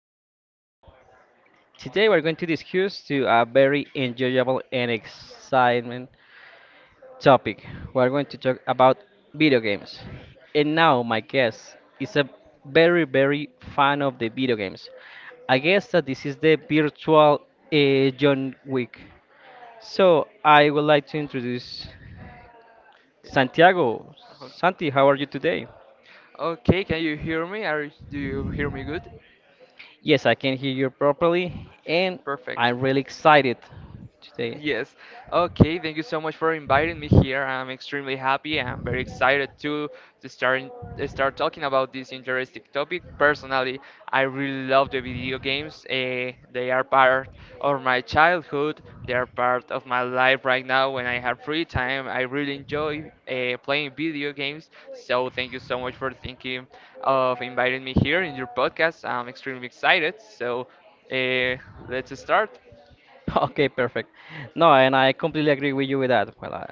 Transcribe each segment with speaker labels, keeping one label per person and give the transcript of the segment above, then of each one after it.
Speaker 1: Now, today we're going to discuss to a very enjoyable and exciting topic. We're going to talk about video games. And now my guest is a very fan of the video games. I guess that this is the virtual John Wick. So I would like to introduce Santiago. Santi, how are you today?
Speaker 2: Okay, can you hear me? Do you hear me good?
Speaker 1: Yes, I can hear you properly, and
Speaker 2: Perfect.
Speaker 1: I'm really excited today.
Speaker 2: Yes. Okay, thank you so much for inviting me here. I'm extremely happy. I'm very excited to start start talking about this interesting topic. Personally, I really love the video games. They are part of my childhood. They are part of my life right now when I have free time. I really enjoy playing video games. So thank you so much for thinking of inviting me here in your podcast. I'm extremely excited. So eh, let's start.
Speaker 1: Okay, perfect. No, and I completely agree with you with that. Well,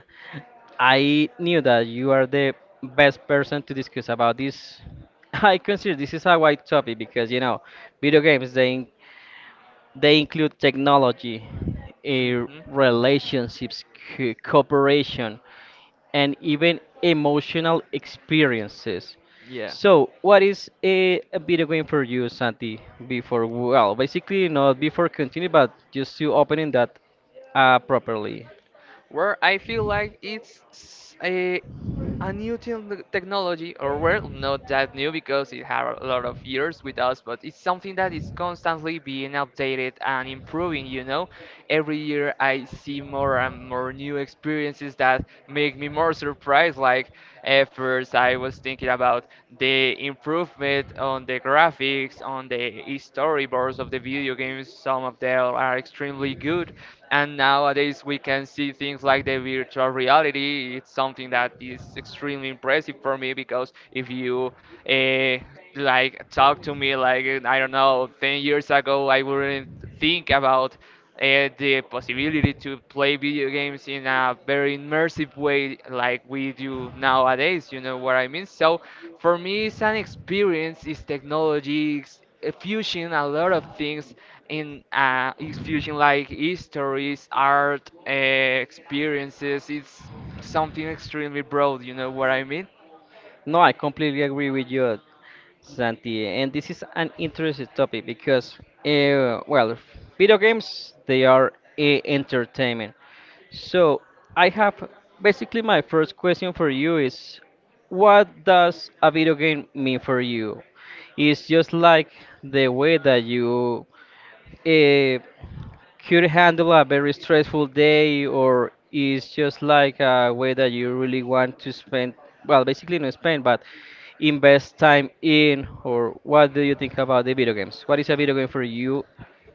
Speaker 1: I knew that you are the best person to discuss about this. I consider this is a wide topic because you know, video games they include technology,
Speaker 2: Hmm.
Speaker 1: relationships, cooperation and even emotional experiences.
Speaker 2: Yeah,
Speaker 1: So, what is a video game for you, Santi? Before, well, basically not before continue, but just to opening that properly.
Speaker 2: where I feel like it's a new technology, or well, not that new because it had a lot of years with us, but it's something that is constantly being updated and improving, you know? Every year I see more and more new experiences that make me more surprised. Like, at first I was thinking about the improvement on the graphics, on the storyboards of the video games. Some of them are extremely good, and nowadays we can see things like the virtual reality. It's something that is extremely impressive for me because if you uh, like talk to me like I don't know 10 years ago, I wouldn't think about the possibility to play video games in a very immersive way like we do nowadays, you know what I mean? So for me it's an experience, it's technology, it's a fusion, a lot of things in it's fusion like histories, art, experiences. It's something extremely broad, you know what I mean?
Speaker 1: No, I completely agree with you, Santi. And this is an interesting topic because, well, video games they are a entertainment. So I have basically my first question for you is, what does a video game mean for you? It's just like the way that you. uh, could handle a very stressful day or is just like a way that you really want to spend well basically not spend but invest time in? Or what do you think about the video games? What is a video game for you?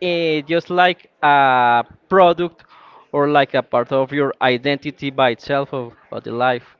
Speaker 1: Just like a product or like a part of your identity by itself of the life.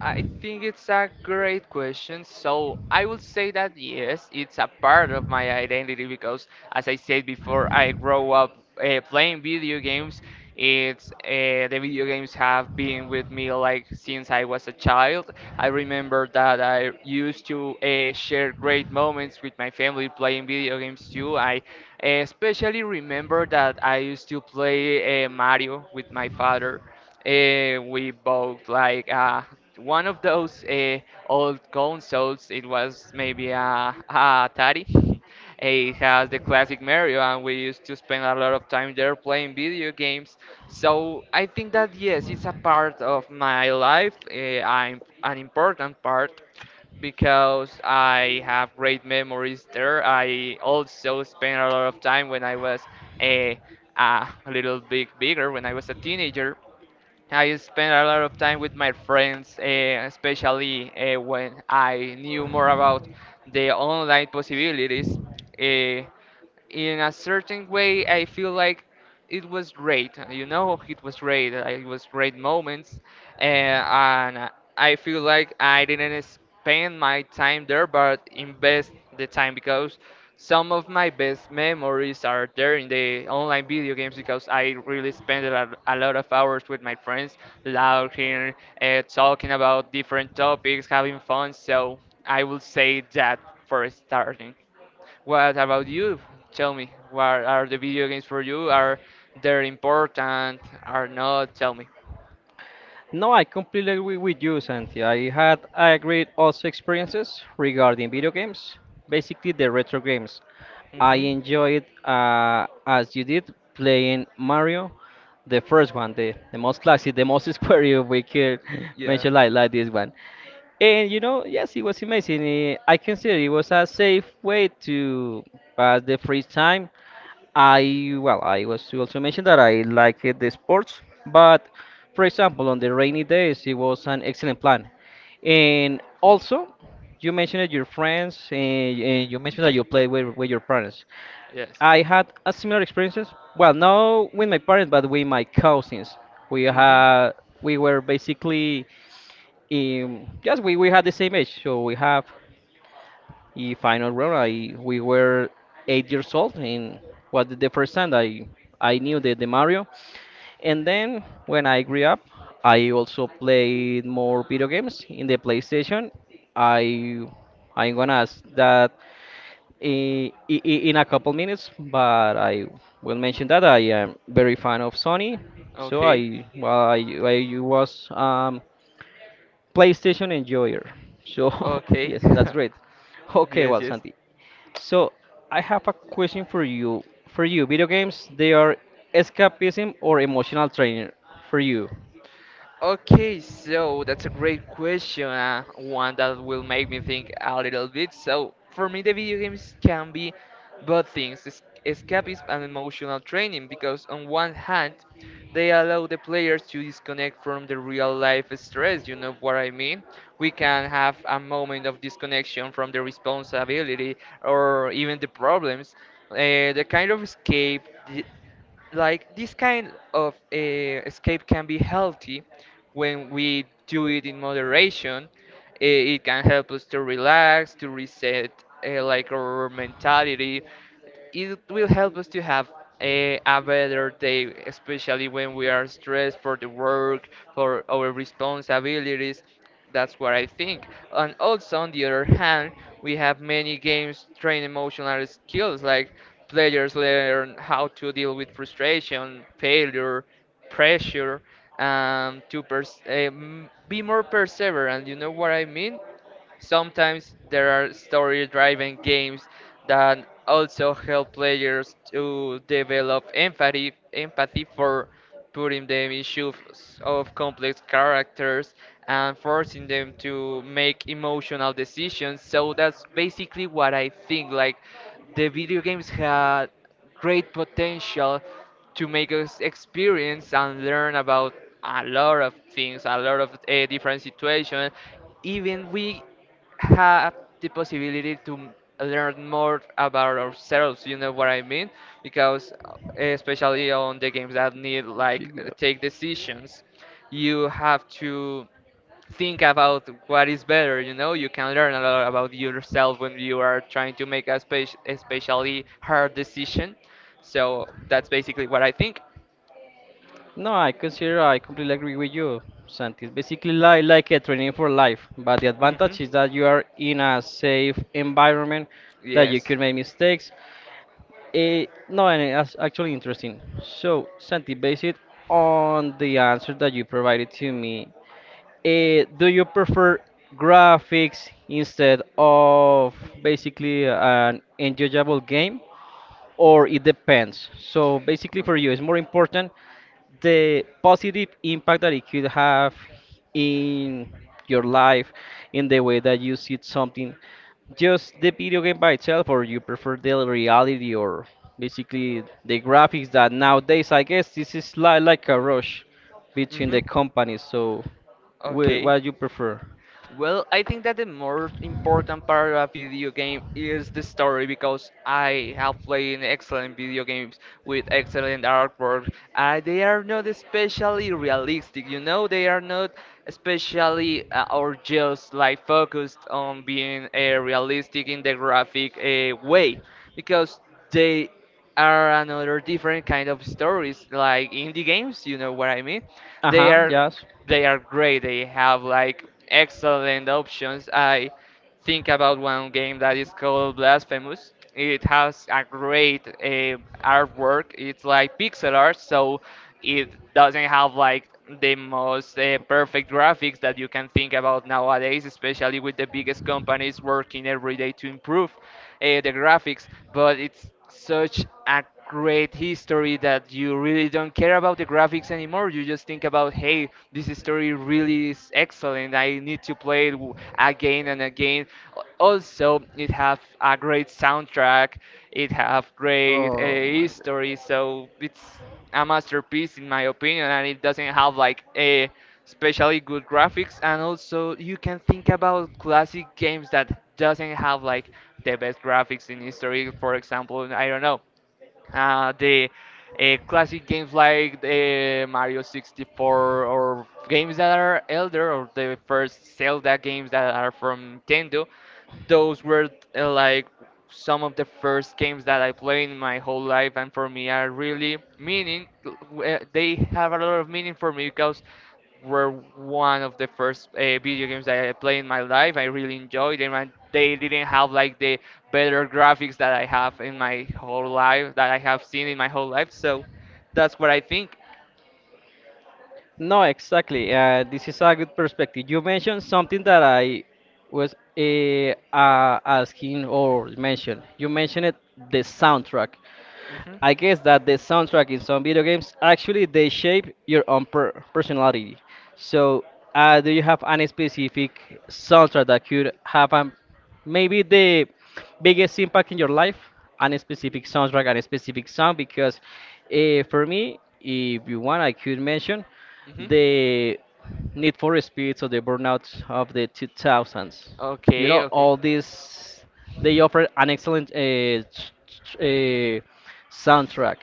Speaker 2: I think it's a great question. So I will say that yes, it's a part of my identity because, as I said before, I grow up playing video games. It's the video games have been with me like since I was a child. I remember that I used to share great moments with my family playing video games too. I especially remember that I used to play Mario with my father. We bought like one of those old consoles. It was maybe a Atari. It has the classic Mario, and we used to spend a lot of time there playing video games. So I think that yes, it's a part of my life, I'm an important part because I have great memories there. I also spent a lot of time when I was a, a little bit bigger. When I was a teenager, I spent a lot of time with my friends, especially when I knew more about the online possibilities. Eh, in a certain way I feel like it was great, you know, it was great, it was great moments, and I feel like I didn't spend my time there but invest the time, because some of my best memories are there in the online video games. Because I really spent a lot of hours with my friends, laughing, talking about different topics, having fun. So I will say that for starting. What about you? Tell me, what are the video games for you? Are they important? Are not? Tell me.
Speaker 1: No, I completely agree with you, Santi. I agreed also experiences regarding video games, basically the retro games. I
Speaker 2: Mhm.
Speaker 1: enjoyed, as you did, playing Mario, the first one, the most classic, the most square you we could
Speaker 2: Yeah.
Speaker 1: mention like this one. And you know, yes, it was amazing. I consider it was a safe way to pass the free time. I well, I was to also mention that I like the sports, but for example, on the rainy days, it was an excellent plan. And also, you mentioned that your friends, and you mentioned that you played with your parents.
Speaker 2: Yes.
Speaker 1: I had a similar experiences. Well, not with my parents, but with my cousins. We
Speaker 2: Mm-hmm.
Speaker 1: had we were basically yes, we had the same age, so we have a final round. I we were 8 years old, and was the first time I knew the Mario. And then when I grew up, I also played more video games in the PlayStation. I I'm gonna ask that in a couple minutes, but I will mention that I am very fan of Sony. So
Speaker 2: Okay.
Speaker 1: I was PlayStation enjoyer. So
Speaker 2: Okay.
Speaker 1: yes, that's great. Okay,
Speaker 2: Yes,
Speaker 1: well,
Speaker 2: yes.
Speaker 1: Santi. So I have a question for you. For you, video games, they are escapism or emotional trainer for you.
Speaker 2: Okay, so that's a great question, one that will make me think a little bit. So, for me, the video games can be both things, escapism and emotional training, because on one hand, they allow the players to disconnect from the real life stress, you know what I mean? We can have a moment of disconnection from the responsibility or even the problems. The kind of escape, like this kind of escape can be healthy when we do it in moderation. It can help us to relax, to reset like our mentality. It will help us to have a better day, especially when we are stressed for the work, for our responsibilities. That's what I think. And also, on the other hand, we have many games train emotional skills, like players learn how to deal with frustration, failure, pressure, be more perseverant. You know what I mean? Sometimes there are story driven games that also help players to develop empathy, empathy for putting them in shoes of complex characters and forcing them to make emotional decisions. So that's basically what I think. Like the video games had great potential to make us experience and learn about a lot of things, a lot of different situations. Even we have the possibility to learn more about ourselves, you know what I mean? Because especially on the games that need like take decisions, you have to think about what is better. You know, you can learn a lot about yourself when you are trying to make a especially hard decision. So that's basically what I think.
Speaker 1: No, I consider I completely agree with you, Santi. It's basically like a training for life, but the
Speaker 2: Hmm.
Speaker 1: advantage is that you are in a safe environment that you
Speaker 2: Yes.
Speaker 1: can make mistakes. No, and that's actually interesting. So, Santi, based on the answer that you provided to me, do you prefer graphics instead of basically an enjoyable game? Or it depends. So basically, for you, it's more important the positive impact that it could have in your life, in the way that you see something, just the video game by
Speaker 2: Okay.
Speaker 1: itself, or you prefer the reality, or basically the graphics that nowadays, I guess, this is like a rush between the
Speaker 2: Mm-hmm.
Speaker 1: companies. So,
Speaker 2: Okay.
Speaker 1: what you prefer?
Speaker 2: Well, I think that the more important part of a video game is the story, because I have played excellent video games with excellent artwork. They are not especially realistic, you know, they are not especially or just like focused on being realistic in the graphic way, because they are another different kind of stories, like indie games, you know what I mean? They are, they are great, they have like excellent options. I think about one game that is called Blasphemous. It has a great artwork, it's like pixel art. So it doesn't have like the most perfect graphics that you can think about nowadays, especially with the biggest companies working every day to improve the graphics. But it's such a great history that you really don't care about the graphics anymore. You just think about, hey, this story really is excellent. I need to play it again and again. Also, it have a great soundtrack. It have great history. So it's a masterpiece in my opinion, and it doesn't have like a especially good graphics. And also you can think about classic games that doesn't have like the best graphics in history. For example, I don't know, the classic games like the Mario 64, or games that are elder, or the first Zelda games that are from Nintendo. Those were like some of the first games that I played in my whole life, and for me are really meaning. They have a lot of meaning for me because were one of the first video games that I played in my life. I really enjoyed them, and they didn't have like the better graphics that I have in my whole life, that I have seen in my whole life. So that's what I think.
Speaker 1: No, exactly. This is a good perspective. You mentioned something that I was asking or mentioned. You mentioned it, the soundtrack.
Speaker 2: Hmm, hmm.
Speaker 1: I guess that the soundtrack in some video games actually they shape your own personality. So, do you have any specific soundtrack that could have maybe the biggest impact in your life? Any specific soundtrack, any specific song? Because for me, if you want, I could mention the Need for Speeds or the Burnouts of the 2000s. You know,
Speaker 2: Okay, okay.
Speaker 1: all these, they
Speaker 2: Hmm.
Speaker 1: offer an excellent soundtrack.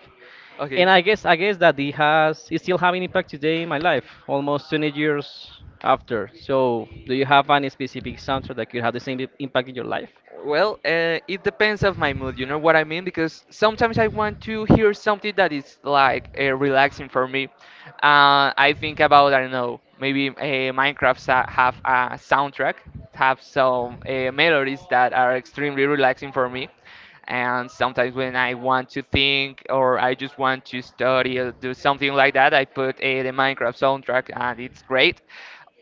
Speaker 1: And
Speaker 2: Okay.
Speaker 1: I guess that it has it's still having impact today in my life, almost 20 years after. So, do you have any specific soundtrack that could have the same impact in your life?
Speaker 2: Well, it depends of my mood. You know what I mean? Because sometimes I want to hear something that is like relaxing for me. I think about, I don't know, maybe Minecraft have a soundtrack, have some melodies that are extremely relaxing for me. And sometimes when I want to think or I just want to study or do something like that, I put the Minecraft soundtrack and it's great.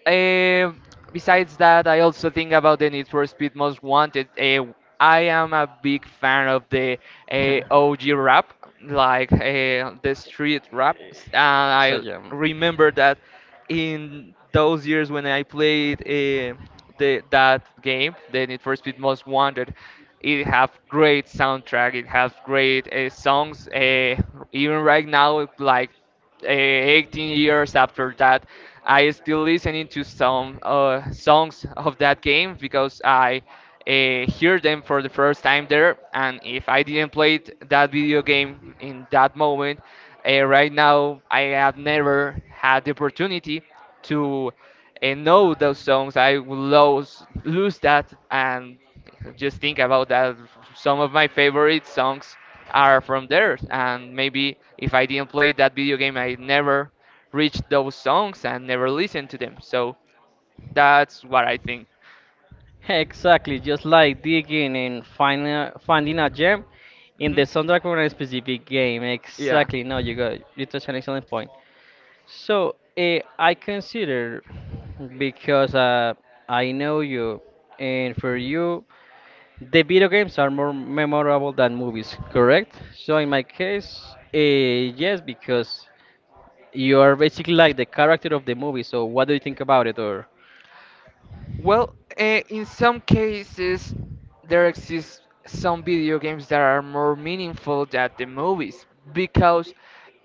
Speaker 2: Um, besides that, I also think about the Need for Speed Most Wanted. I am a big fan of the OG rap, like the street rap. And I
Speaker 1: Yeah,
Speaker 2: remember that in those years when I played that game, the Need for Speed Most Wanted, it have great soundtrack. It has great songs. Even right now, like 18 years after that, I still listening to some songs of that game, because I hear them for the first time there. And if I didn't play that video game in that moment, right now I have never had the opportunity to know those songs, I will lose that. And just think about that. Some of my favorite songs are from there, and maybe if I didn't play that video game, I never reached those songs and never listened to them. So that's what I think.
Speaker 1: exactly, just like digging and finding a gem in the
Speaker 2: Hmm.
Speaker 1: soundtrack for a specific game.
Speaker 2: Yeah.
Speaker 1: Exactly. No, you got you touched an excellent point. So I consider because I know you, and for you, the video games are more memorable than movies, correct? So in my case, yes, because you are basically like the character of the movie. So what do you think about it, or?
Speaker 2: Well, in some cases, there exist some video games that are more meaningful than the movies, because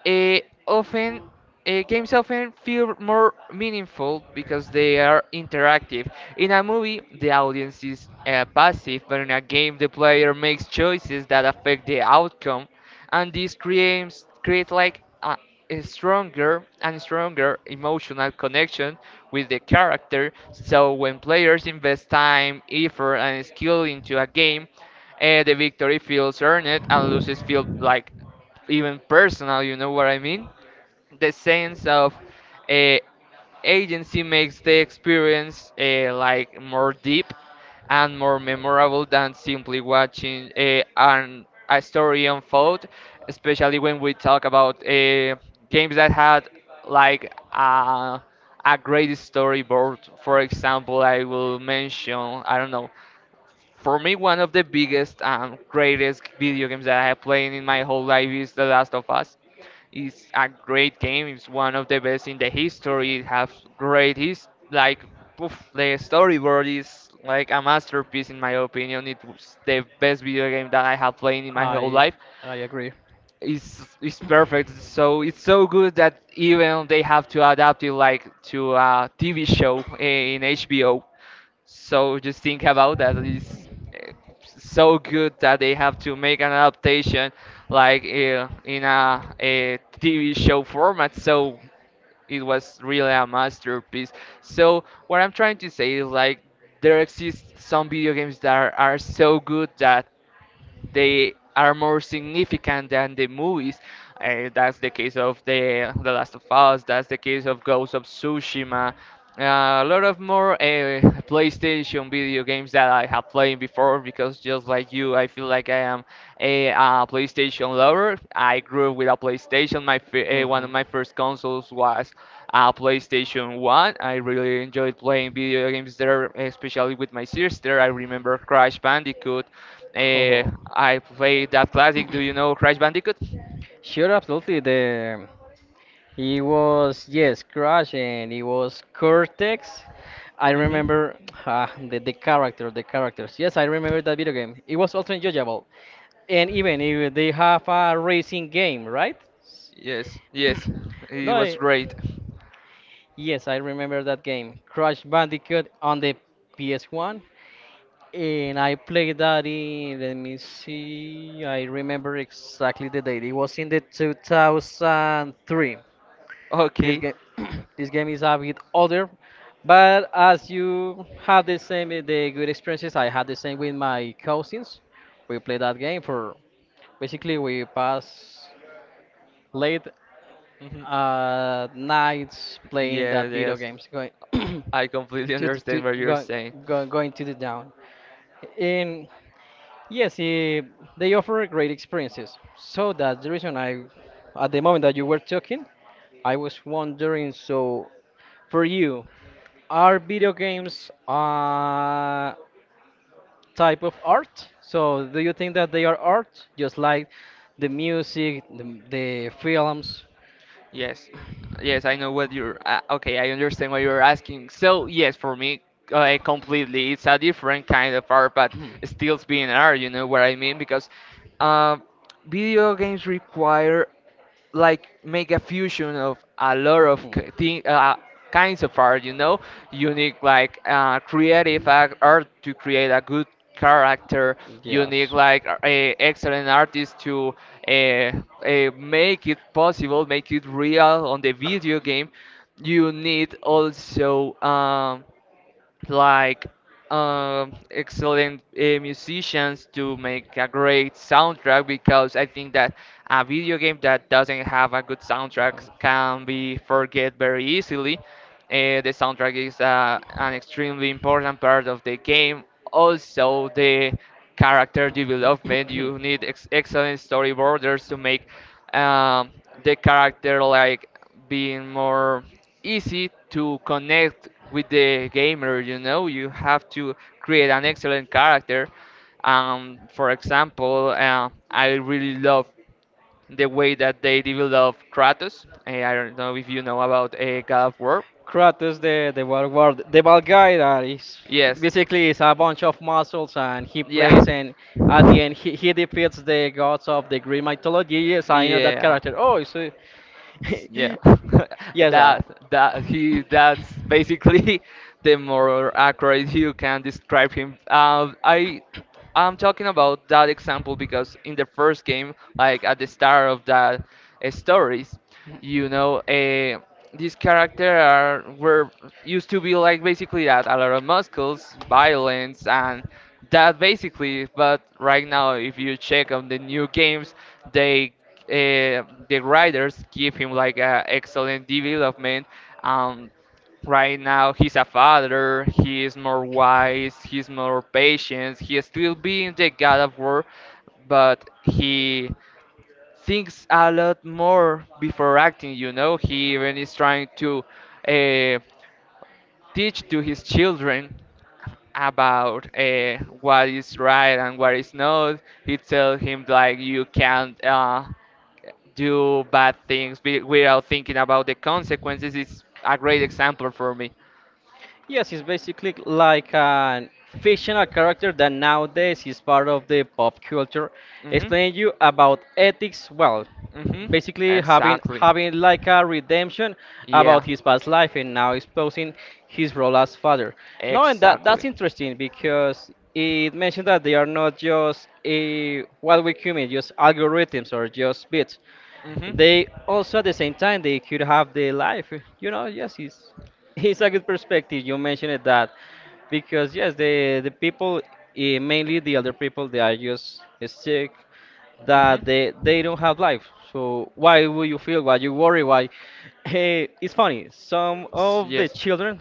Speaker 2: eh, often games often feel more meaningful because they are interactive. In a movie, the audience is passive, but in a game, the player makes choices that affect the outcome, and this creates create like a stronger and stronger emotional connection with the character. So when players invest time, effort, and skill into a game, the victory feels earned and loses feel like even personal. You know what I mean? The sense of uh, agency makes the experience like more deep and more memorable than simply watching a story unfold, especially when we talk about games that had like a, a great storyboard. For example, I will mention, I don't know, for me, one of the biggest and greatest video games that I have played in my whole life is The Last of Us. It's a great game. It's one of the best in the history. It has great his like poof, the storyboard is like a masterpiece in my opinion. It was the best video game that I have played in my whole
Speaker 1: I
Speaker 2: life.
Speaker 1: agree.
Speaker 2: It's perfect. So it's so good that even they have to adapt it like to a TV show in HBO. So just think about that. It's so good that they have to make an adaptation like TV show format. So it was really a masterpiece. So what I'm trying to say is like there exist some video games that are so good that they are more significant than the movies. That's the case of The Last of Us. That's the case of Ghost of Tsushima. A lot of more PlayStation video games that I have played before because just like you, I feel like I am a PlayStation lover. I grew up with a PlayStation. One of my first consoles was PlayStation 1. I really enjoyed playing video games there, especially with my sister. I remember Crash Bandicoot.
Speaker 1: Oh.
Speaker 2: I played that classic. Do you know Crash Bandicoot?
Speaker 1: Sure, absolutely. The he was yes, Crash, and he was Cortex. I
Speaker 2: hmm
Speaker 1: remember ah, the character, the characters. Yes, I remember that video game. It was also enjoyable, and even if they have a racing game, right?
Speaker 2: Yes, yes, it
Speaker 1: No,
Speaker 2: was
Speaker 1: I-
Speaker 2: great.
Speaker 1: Yes, I remember that game, Crash Bandicoot on the PS1, and I played that in. Let me see. I remember exactly the date. It was in the 2003. This
Speaker 2: Okay.
Speaker 1: game, this game is a bit older, but as you have the same the good experiences, I had the same with my cousins. We played that game for basically we pass late
Speaker 2: hmm
Speaker 1: nights playing
Speaker 2: Yeah,
Speaker 1: that video
Speaker 2: yes,
Speaker 1: games. Going
Speaker 2: I completely
Speaker 1: to, the- to
Speaker 2: understand what you're
Speaker 1: go,
Speaker 2: saying.
Speaker 1: go, going to the down. And yes, they offer great experiences. So that's the reason I, at the moment that you were talking, I was wondering. So for you, are video games a type of art? So do you think that they are art, just like the music, the films?
Speaker 2: Yes, yes, I know what you're. Okay, I understand what you're asking. So yes, for me, completely, it's a different kind of art, but still being art. You know what I mean? Because uh, video games require like make a fusion of a lot of kinds of art, you know, you need like art to create a good character. You need like a excellent artist to make it possible, make it real on the video game. You need also like excellent musicians to make a great soundtrack because I think that a video game that doesn't have a good soundtrack can be forget very easily. The soundtrack is an extremely important part of the game. Also, the character development. You need excellent storyboarders to make um, the character like being more easy to connect with the gamer. You know, you have to create an excellent character. For example, I really love the way that they develop Kratos. I don't know if you know about God of War.
Speaker 1: Kratos, the bad guard, the bad guy that is
Speaker 2: yes
Speaker 1: basically is a bunch of muscles, and he
Speaker 2: yeah
Speaker 1: plays, and at the end he defeats the gods of the Greek mythology. Yes, I know that
Speaker 2: yeah
Speaker 1: character. Oh, so
Speaker 2: yeah,
Speaker 1: yes,
Speaker 2: that that he that's basically the more accurate you can describe him. I, I'm talking about that example because in the first game, like at the start of that stories, you know, these characters are were used to be like basically that, a lot of muscles, violence, and that basically. But right now, if you check on the new games, they the writers give him like a excellent development. Um, right now he's a father. He is more wise. He's more patient. He is still being the God of War, but he thinks a lot more before acting. You know, he even is trying to. Uh, Teach to his children about what is right and what is not. He tells him like you can't do bad things without thinking about the consequences. Is a great example for me.
Speaker 1: yes, it's basically like a fictional character that nowadays is part of the pop culture,
Speaker 2: hmm
Speaker 1: explaining you about ethics. Well,
Speaker 2: hmm
Speaker 1: basically
Speaker 2: Exactly.
Speaker 1: having like a redemption
Speaker 2: Yeah.
Speaker 1: about his past life and now exposing his role as father. No, and that that's
Speaker 2: Exactly.
Speaker 1: interesting because it mentioned that they are not just a what we human, just algorithms or just bits.
Speaker 2: hmm
Speaker 1: They also at the same time they could have the life. You know, yes, it's it's a good perspective. You mentioned it that because yes, the people mainly the other people they are just sick
Speaker 2: Mhm.
Speaker 1: that they don't have life. So why will you feel? Why you worry? Why? Hey, it's funny. Some of the
Speaker 2: Yes.
Speaker 1: children.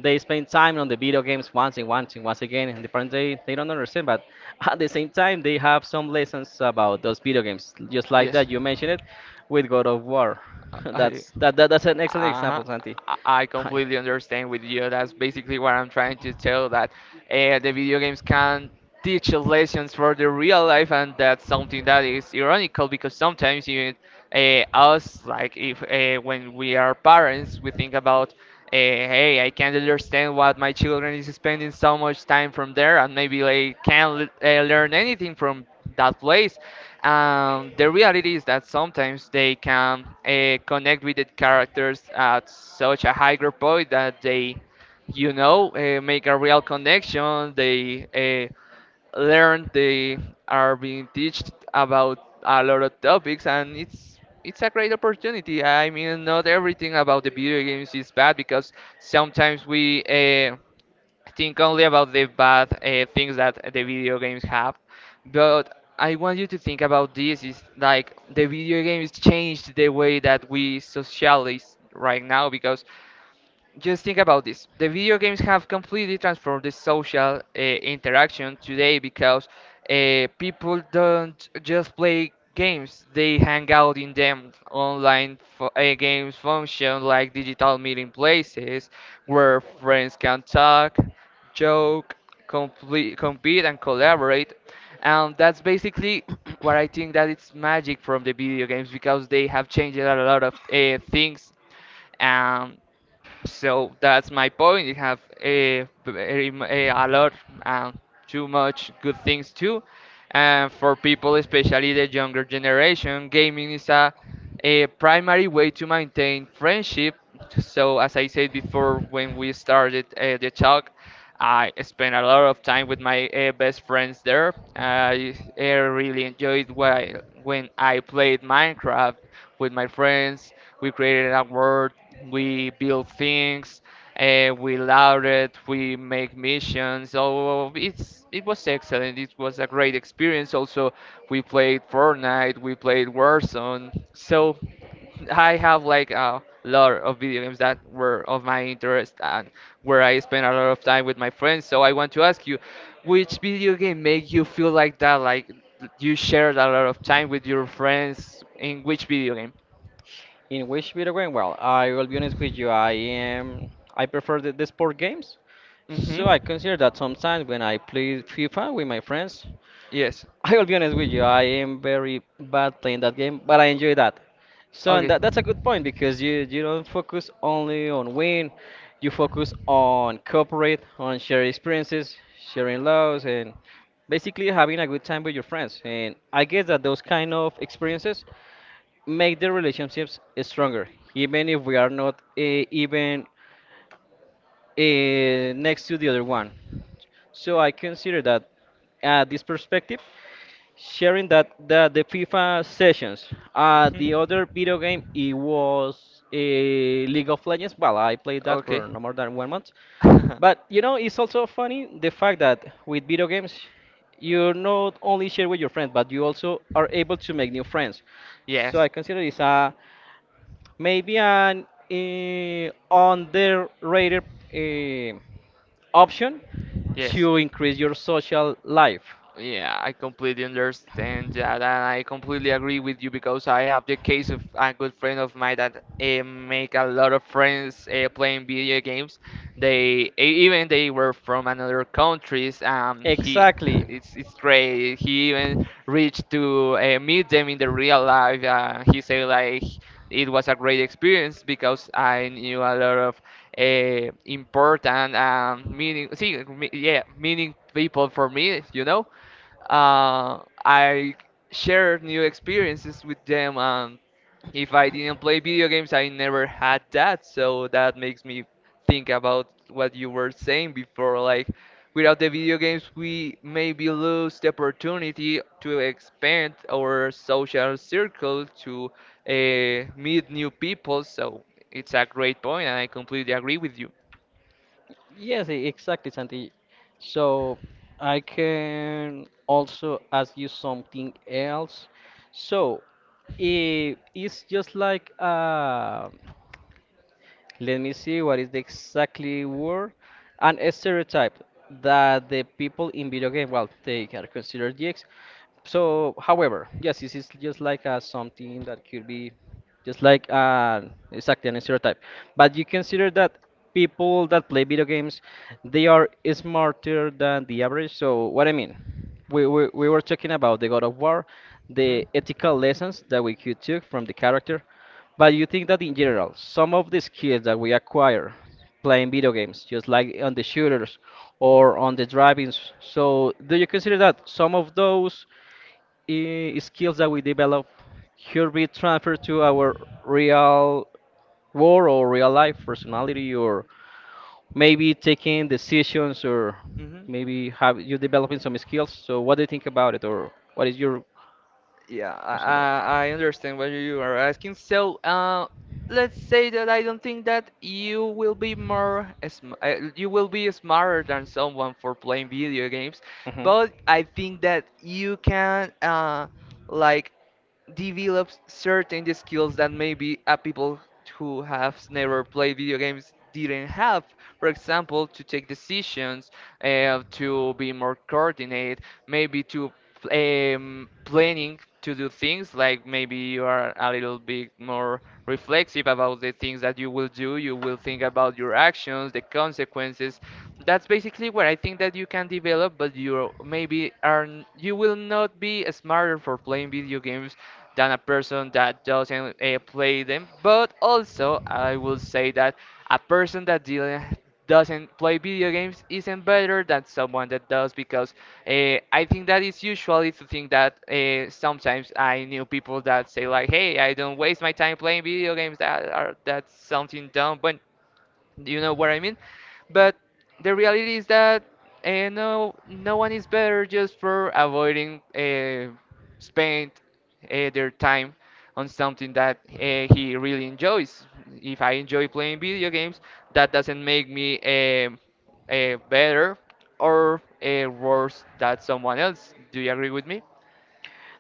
Speaker 1: They spend time on the video games once and once and once again, and the parents they don't understand. But at the same time, they have some lessons about those video games, just like
Speaker 2: Yes.
Speaker 1: that you mentioned it with God of War.
Speaker 2: I,
Speaker 1: That's that's an excellent
Speaker 2: uh-huh.
Speaker 1: example, Santi.
Speaker 2: I I
Speaker 1: Hi.
Speaker 2: completely understand with you. That's basically what I'm trying to tell that the video games can teach lessons for the real life, and that's something that is ironical because sometimes even us like if when we are parents, we think about hey, I can't understand what my children is spending so much time from there and maybe they can't learn anything from that place. The reality is that sometimes they can connect with the characters at such a higher point that they, you know, make a real connection. They learn. They are being taught about a lot of topics, and it's a great opportunity. I mean, not
Speaker 1: Mean,
Speaker 2: everything about the video games is bad because sometimes we think only about the bad things that the video games have, but I want you to think about this is like the video games changed the way that we socialize right now because just think about this. The video games have completely transformed the social interaction today because people don't just play games, they hang out in them. Online games function like digital meeting places where friends can talk, joke, compete, and collaborate. And that's basically what I think that it's magic from the video games because they have changed a lot of things. Um, so that's my point. You have a, very m- a lot and too much good things too. And for people, especially the younger generation, gaming is a primary way to maintain friendship. So as I said before when we started the talk, I spent a lot of time with my best friends there. I really enjoyed when I played Minecraft with my friends. We created a world, we built things, we loaded, we make missions. So it was excellent. It was a great experience. Also, we played Fortnite, we played Warzone. So. I have like a lot of video games that were of my interest and where I spent a lot of time with my friends. So I want to ask you, which video game make you feel like that? Like you shared a lot of time with your friends in which video game?
Speaker 1: in which video game? Well, I will be honest with you. I am. I prefer the sport games, so
Speaker 2: Mm-hmm.
Speaker 1: I consider that sometimes when I play FIFA with my friends,
Speaker 2: Yes.
Speaker 1: I will be honest with you, I am very bad playing that game, but I enjoy that. So and
Speaker 2: Okay.
Speaker 1: that's a good point because you don't focus only on win, you focus on cooperate, on sharing experiences, sharing loves, and basically having a good time with your friends. And I guess that those kind of experiences make the relationships stronger, even if we are not even next to the other one. So I consider that this perspective sharing that the FIFA sessions.
Speaker 2: Mhm.
Speaker 1: The other video game it was a League of Legends. Well, I played that
Speaker 2: Okay.
Speaker 1: for no more than 1 month. But you know, it's also funny the fact that with video games, you not only share with your friends, but you also are able to make new friends. So
Speaker 2: Yes.
Speaker 1: I consider this a maybe an underrated uh, option
Speaker 2: Yes.
Speaker 1: to increase your social life.
Speaker 2: Yeah, I completely understand that, and I completely agree with you because I have the case of a good friend of mine that make a lot of friends playing video games. They even they were from another countries. He,
Speaker 1: Exactly.
Speaker 2: it's great. He even reached to meet them in the real life. He said like it was a great experience because I knew a lot of important meaning people for me, you know, uh, I shared new experiences with them. If I didn't play video games, I never had that. So that makes me think about what you were saying before. Like, without the video games, we maybe lose the opportunity to expand our social circle to meet new people. So it's a great point, and I completely agree with you.
Speaker 1: Yes, exactly, Santi. So I can also ask you something else. So it's just like let me see what is the exactly word an stereotype that the people in video game well they are considered geeks. So however yes this is just like something that could be just like exactly an stereotype, but you consider that people that play video games they are smarter than the average? So what I mean, we were talking about the God of War,
Speaker 2: hmm
Speaker 1: the ethical lessons that we could take from the character, but you think that in general, some of the skills that we acquire playing video games, just like on the shooters or on the driving, so do you consider that some of those skills that we develop could be transferred to our real world or real life personality, or maybe taking decisions, or
Speaker 2: hmm
Speaker 1: maybe have you developing some skills? So what do you think about it, or what is your
Speaker 2: Yeah,
Speaker 1: question about
Speaker 2: I
Speaker 1: it?
Speaker 2: understand what you are asking. So, let's say that I don't think that you will be more sm you will be smarter than someone for playing video games,
Speaker 1: Mhm.
Speaker 2: but I think that you can like develops certain skills that maybe people who have never played video games didn't have. For example, to take decisions, to be more coordinate, maybe to planning to do things like maybe you are a little bit more reflexive about the things that you will do. You will think about your actions, the consequences. That's basically where I think that you can develop, but you maybe you will not be smarter for playing video games than a person that doesn't play them. But also, I will say that a person that didn't doesn't play video games isn't better than someone that does because I think that is usually the thing that sometimes I knew people that say like, hey, I don't waste my time playing video games. That's something dumb, but do you know what I mean? But the reality is that no, no one is better just for avoiding spend their time on something that he really enjoys. If I enjoy playing video games, that doesn't make me better or worse than someone else. Do you agree with me?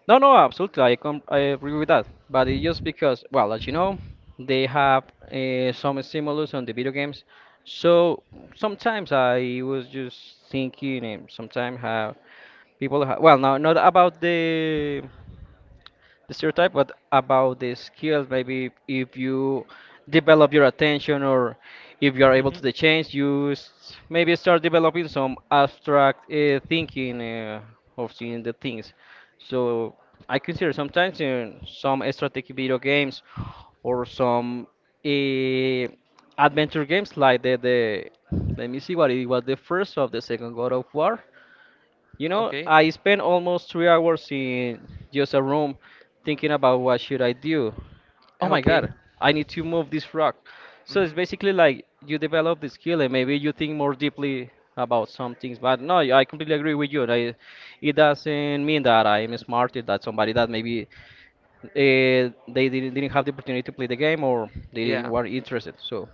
Speaker 1: No, no, absolutely. I agree with that. But it's just because, well, as you know, they have some stimulus on the video games. So sometimes I was just thinking, and sometimes have people, well, no, not about the stereotype, but about the skills. Maybe if you develop your attention or if you are able to
Speaker 2: Mhm.
Speaker 1: the change, maybe start developing some abstract thinking of seeing the things. So I consider sometimes in some strategic video games or some uh, adventure games like the let me see what it was the first of the second God of War. You know,
Speaker 2: Okay.
Speaker 1: I spent almost 3 hours in just a room thinking about what should I do. Oh my
Speaker 2: Okay.
Speaker 1: God, I need to move this rock. So
Speaker 2: hmm
Speaker 1: it's basically like you develop the skill and maybe you think more deeply about some things. But no, I completely agree with you. I, it doesn't mean that I'm smarter than somebody that maybe they didn't have the opportunity to play the game or they didn't
Speaker 2: Yeah.
Speaker 1: were interested. So.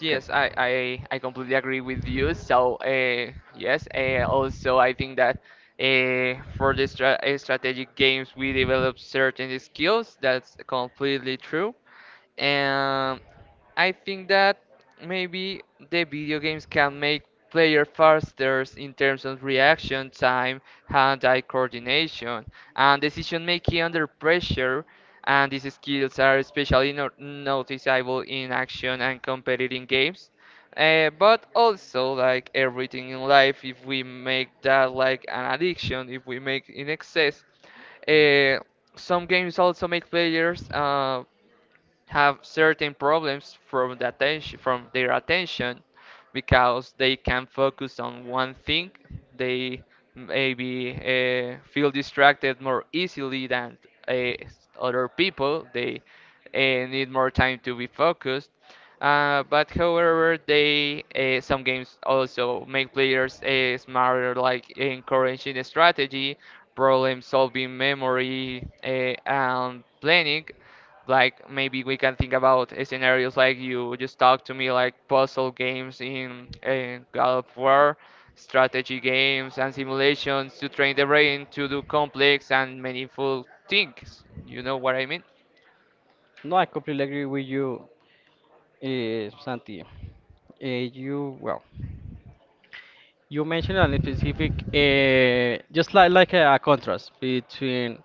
Speaker 2: Yes, I completely agree with you. So, yes, also I think that for the strategic games we develop certain skills. That's completely true. And I think that maybe the video games can make player faster in terms of reaction time, hand-eye coordination, and decision making under pressure. And these skills are especially noticeable in action and competitive games. But also, like everything in life, if we make that like an addiction, if we make in excess, uh, some games also make players. Have certain problems from the attention, from their attention because they can focus on one thing. They maybe uh, feel distracted more easily than uh, other people. They need more time to be focused, but however they some games also make players smarter, like encouraging strategy, problem solving, memory, and planning. Like maybe we can think about scenarios like you just talked to me, like puzzle games in God of War, strategy games and simulations to train the brain to do complex and meaningful things. You know what I mean?
Speaker 1: No, I completely agree with you, Santi. You well. You mentioned a specific, just like a, contrast between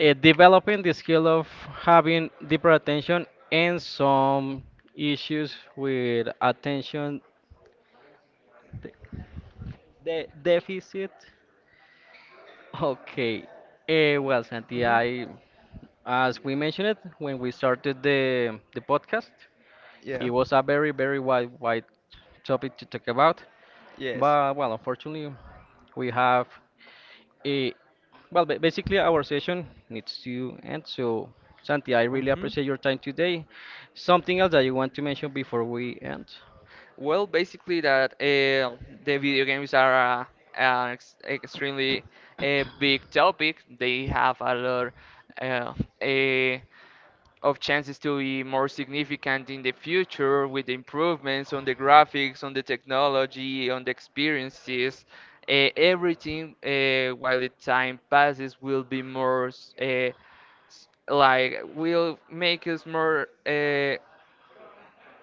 Speaker 1: developing the skill of having deeper attention and some issues with attention de- deficit. Okay. Well, Santi,
Speaker 2: hmm
Speaker 1: I, as we mentioned it when we started the podcast,
Speaker 2: Yeah.
Speaker 1: it was a very wide topic to talk about,
Speaker 2: Yes.
Speaker 1: but well, unfortunately, we have. Eh, well, basically, our session needs to end. So, Santi, I really
Speaker 2: hmm
Speaker 1: appreciate your time today. Something else that you want to mention before we end?
Speaker 2: Well, basically that the video games are an ex extremely big topic. They have a lot uh, eh, of chances to be more significant in the future with the improvements on the graphics, on the technology, on the experiences. Everything while the time passes will be more, uh, like will make us more,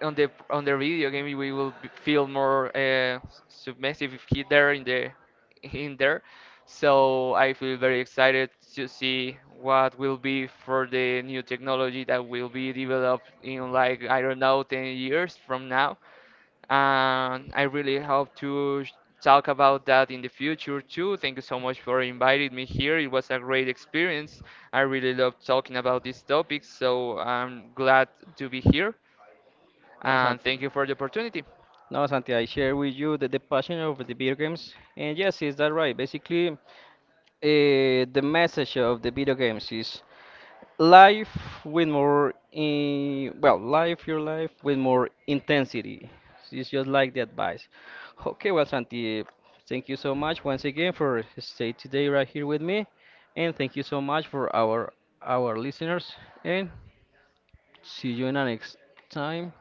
Speaker 2: on the video game we will feel more submissive if he there in the in there. So I feel very excited to see what will be for the new technology that will be developed in, like, I don't know, 10 years from now. And I really hope to talk about that in the future too. Thank you so much for inviting me here. It was a great experience. I really love talking about these topics, so I'm glad to be here.
Speaker 1: No,
Speaker 2: And
Speaker 1: Santi.
Speaker 2: thank you for the opportunity.
Speaker 1: No, Santi, I share with you the passion of the video games. And yes, is that right? Basically, the message of the video games is life your life with more intensity. It's just like the advice. Okay, well, Santi, thank you so much once again for stay today right here with me. And thank you so much for our listeners. And see you in the next time.